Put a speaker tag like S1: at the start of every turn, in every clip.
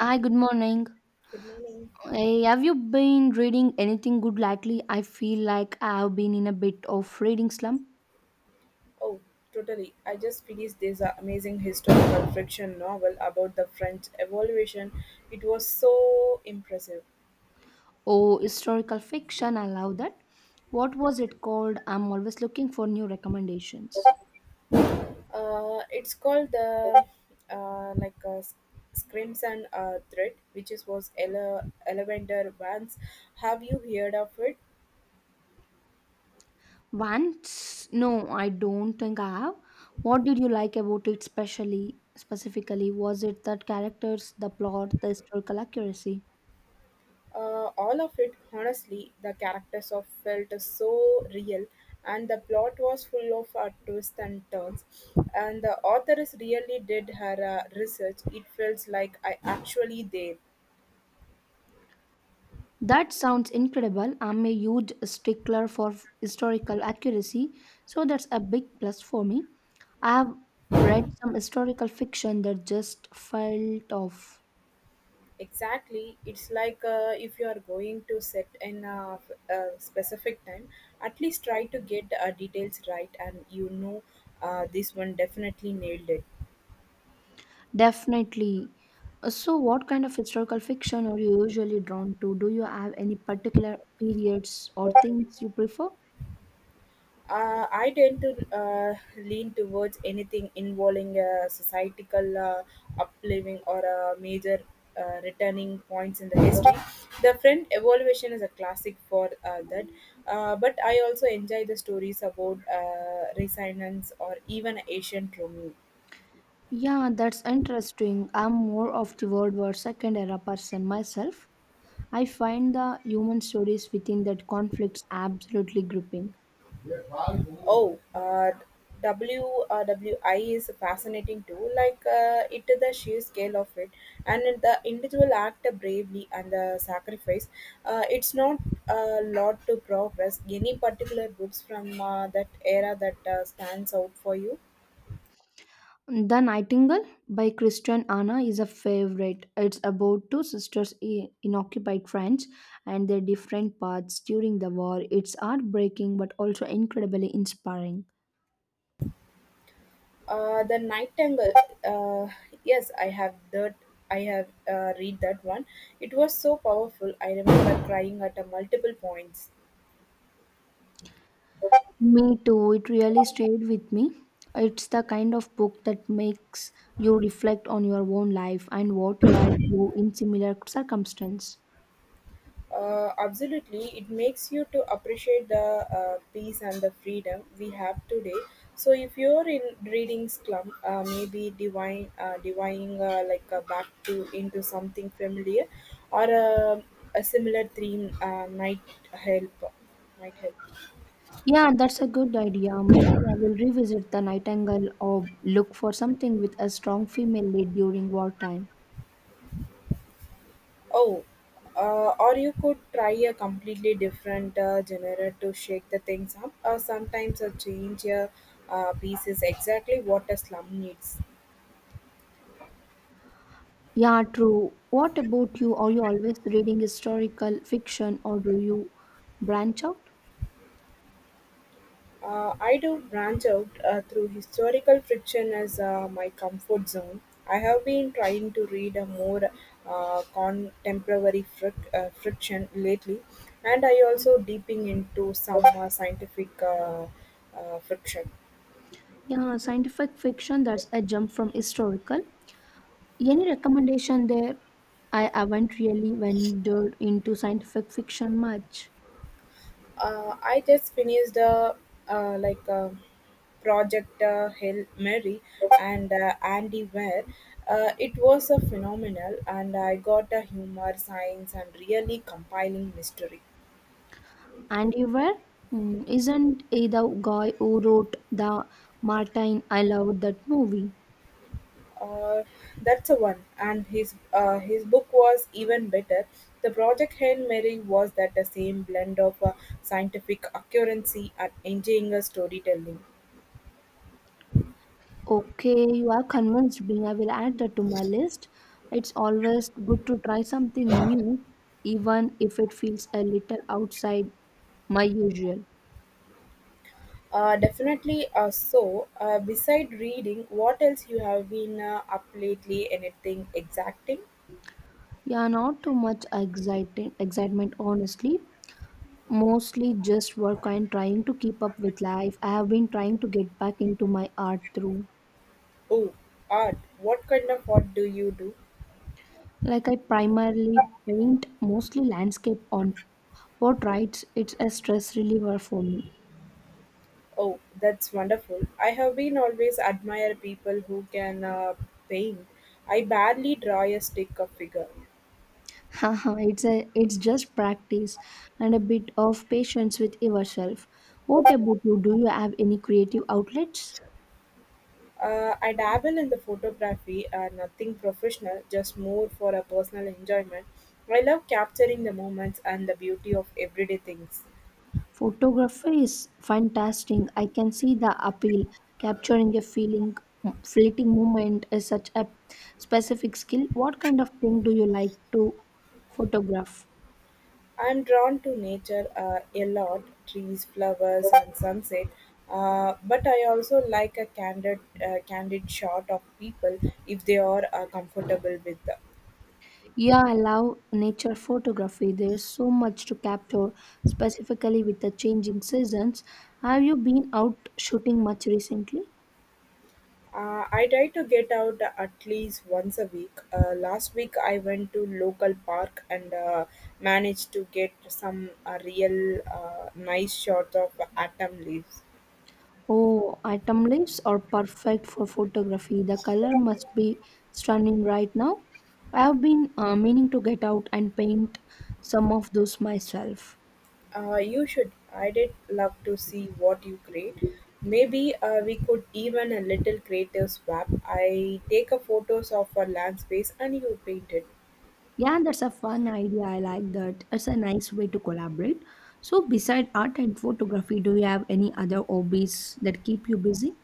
S1: Hi, good morning.
S2: Good morning.
S1: Hey, have you been reading anything good lately? I feel like I have been in a bit of reading slump.
S2: Oh, totally. I just finished this amazing historical fiction novel about the French Revolution. It was so impressive.
S1: Oh, historical fiction, I love that. What was it called? I'm always looking for new recommendations.
S2: It's called the uh, like uh, Screams and Threat, which is was Elevator Vance. Have you heard of it?
S1: Once? No, I don't think I have. What did you like about it specially specifically? Was it the characters, the plot, the historical accuracy?
S2: All of it, honestly, the characters of felt so real, and the plot was full of twists and turns. And the authoress really did her research. It feels like I actually there.
S1: That sounds incredible. I'm a huge stickler for historical accuracy, so that's a big plus for me. I have read some historical fiction that just felt off.
S2: Exactly, it's like if you are going to set in a specific time, at least try to get details right, and you know this one definitely nailed it.
S1: Definitely. So, what kind of historical fiction are you usually drawn to? Do you have any particular periods or themes you prefer?
S2: I tend to lean towards anything involving a societal upliving or a major returning points in the history. The Friend Evolution is a classic for that, but I also enjoy the stories about resonance or even ancient Rome.
S1: Yeah, that's interesting. I'm more of the World War Second era person myself. I find the human stories within that conflicts absolutely gripping.
S2: Oh, WRWI is fascinating too. Like it, is the sheer scale of it, and the individual act bravely and the sacrifice. It's not a lot to progress. Any particular books from that era that stands out for you?
S1: The Nightingale by Christian Anna is a favorite. It's about two sisters in occupied France and their different paths during the war. It's heartbreaking but also incredibly inspiring.
S2: The Nightingale. Uh, yes, I have that. I have read that one. It was so powerful. I remember crying at multiple points.
S1: Me too, it really stayed with me. It's the kind of book that makes you reflect on your own life and what you had do in similar circumstance.
S2: Absolutely, it makes you to appreciate the peace and the freedom we have today. So if you're in reading slum, maybe divining back to into something familiar, or a similar theme might help. Might help.
S1: Yeah, that's a good idea. Maybe I will revisit The Nightingale or look for something with a strong female lead during wartime.
S2: Oh, or you could try a completely different genre to shake the things up. Or sometimes a change a piece is exactly what a slum needs.
S1: Yeah, true. What about you? Are you always reading historical fiction or do you branch out?
S2: I do branch out through historical fiction as my comfort zone. I have been trying to read a more uh, contemporary friction lately, and I also deeping into some scientific fiction.
S1: Yeah, scientific fiction, that's a jump from historical. Any recommendation there? I haven't really ventured into scientific fiction much.
S2: I just finished a uh, like a project Hail Mary and Andy Ware. It was a phenomenal, and I got a humor, science, and really compiling mystery.
S1: And you were? Hmm, isn't it the guy who wrote the Martin? I loved that movie.
S2: Uh, that's a one. And his book was even better. The project Hail Mary was that the same blend of scientific accuracy and engineering storytelling.
S1: Okay, you are convinced me. I will add that to my list. It's always good to try something new, even if it feels a little outside my usual.
S2: Definitely. So, beside reading, what else you have been up lately? Anything exacting?
S1: Yeah, not too much excitement, honestly. Mostly just work and trying to keep up with life. I have been trying to get back into my art through.
S2: Oh, art. What kind of art do you do?
S1: Like, I primarily paint mostly landscape on portraits. It's a stress reliever for me.
S2: Oh, that's wonderful. I have been always admire people who can paint. I barely draw a stick of figure.
S1: Haha, it's just practice and a bit of patience with yourself. What about you? Do you have any creative outlets?
S2: I dabble in the photography, nothing professional, just more for a personal enjoyment. I love capturing the moments and the beauty of everyday things.
S1: Photography is fantastic. I can see the appeal. Capturing a feeling, fleeting moment is such a specific skill. What kind of thing do you like to photograph?
S2: I'm drawn to nature a lot trees, flowers, and sunset. But I also like a candid shot of people if they are comfortable with.
S1: Yeah, I love nature photography. There's so much to capture, specifically with the changing seasons. Have you been out shooting much recently?
S2: I try to get out at least once a week. Last week I went to local park and managed to get some real nice shots of autumn leaves.
S1: Oh, atom leaves are perfect for photography. The color must be stunning right now. I have been meaning to get out and paint some of those myself.
S2: You should. I did love to see what you create. Maybe we could even a little creative swap. I take a photos of a landscape and you paint it.
S1: Yeah, that's a fun idea. I like that. It's a nice way to collaborate. So, beside art and photography, do you have any other hobbies that keep you busy?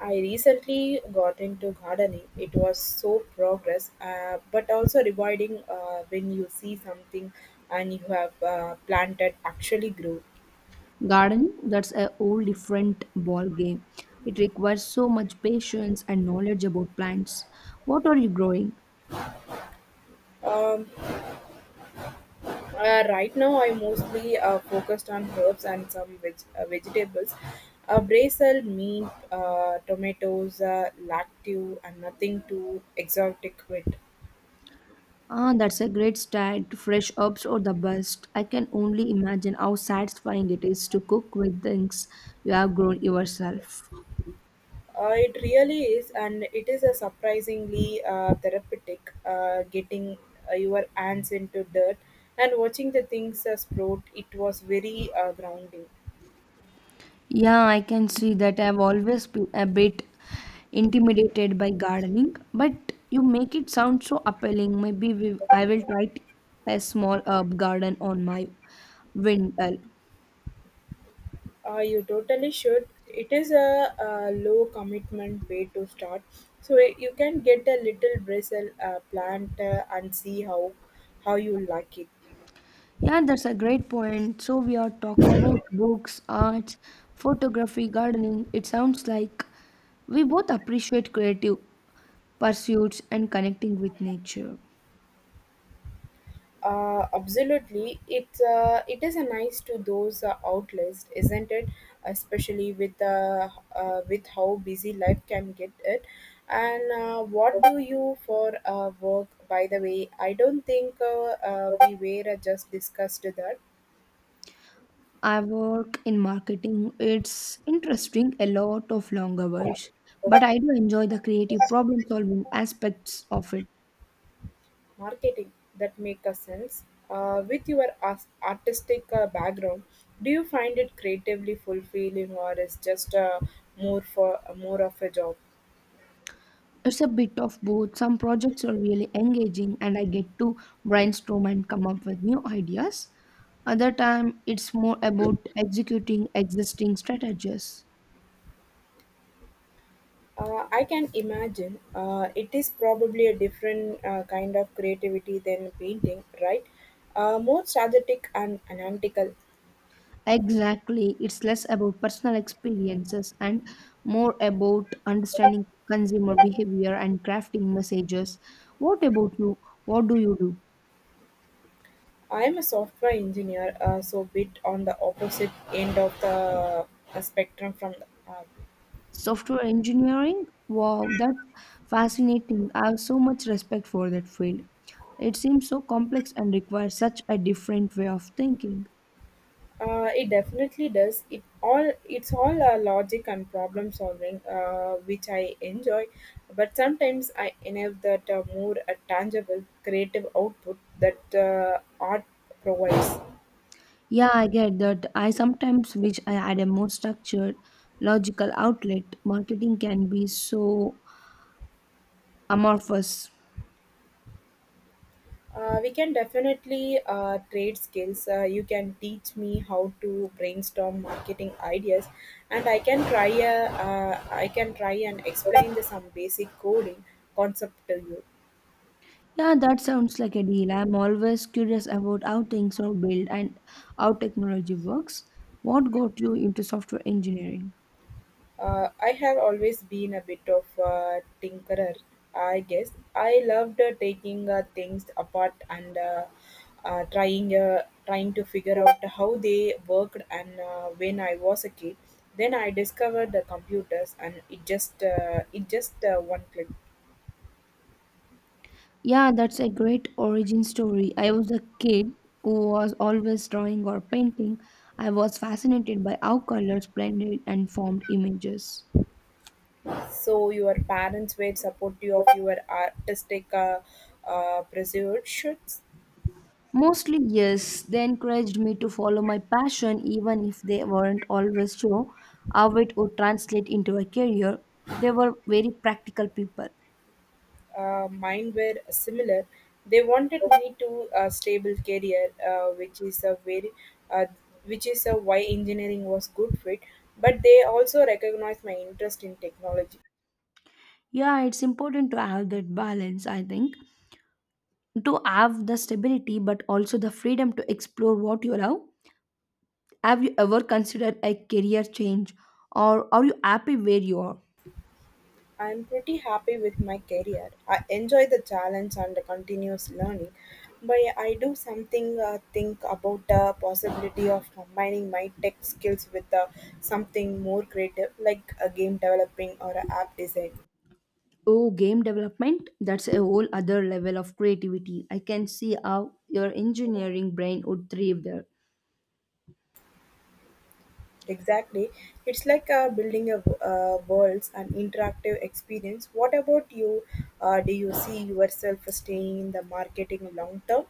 S2: I recently got into gardening. It was so progress, but also rewarding when you see something and you have planted actually grow.
S1: Gardening, that's a whole different ball game. It requires so much patience and knowledge about plants. What are you growing?
S2: Um, right now, I mostly focused on herbs and some vegetables. Basil, meat, tomatoes, lactive, and nothing too exotic with.
S1: Ah, that's a great start. Fresh herbs are the best. I can only imagine how satisfying it is to cook with things you have grown yourself.
S2: It really is, and it is a surprisingly therapeutic. Getting your hands into dirt and watching the things sprout, it was very grounding.
S1: Yeah, I can see that I've always been a bit intimidated by gardening, but you make it sound so appealing. I will try a small herb garden on my windowsill.
S2: You totally should. It is a, low commitment way to start, so you can get a little bristle plant and see how you like it.
S1: Yeah, that's a great point. So we are talked about books, arts, photography, gardening. It sounds like we both appreciate creative pursuits and connecting with nature.
S2: Absolutely, it is a nice to those outlets, isn't it? Especially with how busy life can get it. And what do you for work? By the way, I don't think we were just discussed that.
S1: I work in marketing. It's interesting, a lot of long hours, but I do enjoy the creative problem solving aspects of it.
S2: Marketing that make a sense. With your artistic background, do you find it creatively fulfilling, or is just more of a job?
S1: It's a bit of both. Some projects are really engaging and I get to brainstorm and come up with new ideas. Other time it's more about executing existing strategies.
S2: I can imagine it is probably a different kind of creativity than painting, right? More strategic and analytical.
S1: Exactly. It's less about personal experiences and more about understanding consumer behavior and crafting messages. What about you? What do you do?
S2: I am a software engineer, so bit on the opposite end of the spectrum from the
S1: Software engineering? Wow, that's fascinating. I have so much respect for that field. It seems so complex and requires such a different way of thinking.
S2: It definitely does. It's all logic and problem solving, which I enjoy. But sometimes I enable that more tangible creative output that art provides.
S1: Yeah, I get that. I sometimes wish I had a more structured, logical outlet. Marketing can be so amorphous.
S2: We can definitely trade skills. You can teach me how to brainstorm marketing ideas, and I can try and explain the, some basic coding concept to you.
S1: Yeah, that sounds like a deal. I'm always curious about how things are built and how technology works. What got you into software engineering?
S2: I have always been a bit of a tinkerer, I guess. I loved taking things apart and trying to figure out how they worked. And when I was a kid, then I discovered the computers, and it just one click.
S1: Yeah, that's a great origin story. I was a kid who was always drawing or painting. I was fascinated by how colors blended and formed images.
S2: So your parents were supportive of your artistic pursuits.
S1: Mostly, yes, they encouraged me to follow my passion even if they weren't always sure how it would translate into a career. They were very practical people.
S2: Mine were similar. They wanted me to a stable career, uh, which is a why engineering was good fit. But they also recognized my interest in technology.
S1: Yeah, it's important to have that balance, I think, to have the stability but also the freedom to explore what you love. Have you ever considered a career change or are you happy where you are?
S2: I am pretty happy with my career. I enjoy the challenge and the continuous learning, but I do something think about the possibility of combining my tech skills with something more creative, like a game developing or a app design.
S1: Oh, game development? That's a whole other level of creativity. I can see how your engineering brain would thrive there.
S2: Exactly. It's like building a world's an interactive experience. What about you? Do you see yourself staying in the marketing long term?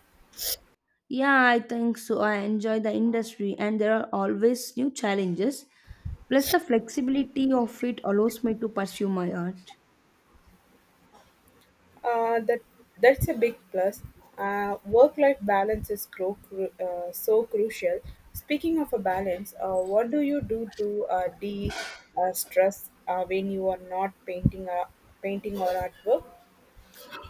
S1: Yeah, I think so. I enjoy the industry and there are always new challenges. Plus, the flexibility of it allows me to pursue my art.
S2: That that's a big plus. Work-life balance is so crucial. Speaking of a balance, what do you do to de stress when you are not painting or artwork?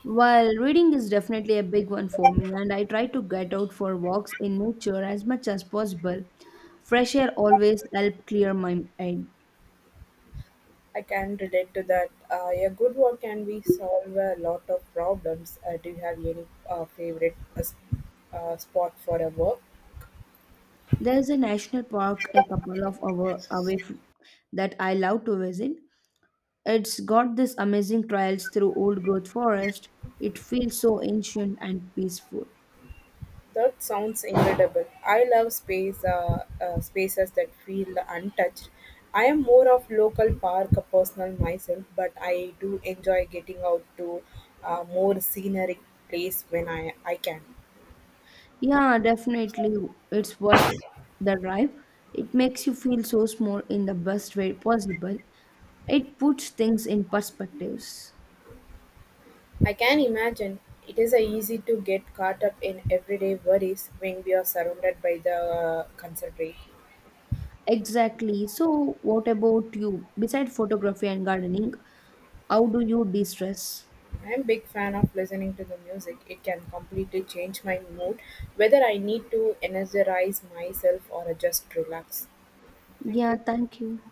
S1: Well, reading is definitely a big one for me, and I try to get out for walks in nature as much as possible. Fresh air always helps clear my head.
S2: I can relate to that. A good one can be solve a lot of problems. Do you have any favorite spot for a work?
S1: There is a national park a couple of hours away that I love to visit. It's got this amazing trails through old growth forest. It feels so ancient and peaceful.
S2: That sounds incredible. I love spaces that feel untouched. I am more of local park personal myself, but I do enjoy getting out to more scenic place when I can.
S1: Yeah, definitely, it's worth the drive. It makes you feel so small in the best way possible. It puts things in perspectives.
S2: I can imagine it's easy to get caught up in everyday worries when we are surrounded by the concentrate.
S1: Exactly. So, what about you? Besides photography and gardening, how do you de-stress?
S2: I'm big fan of listening to the music. It can completely change my mood, whether I need to energize myself or just relax. Thank
S1: Yeah,
S2: you.
S1: thank you.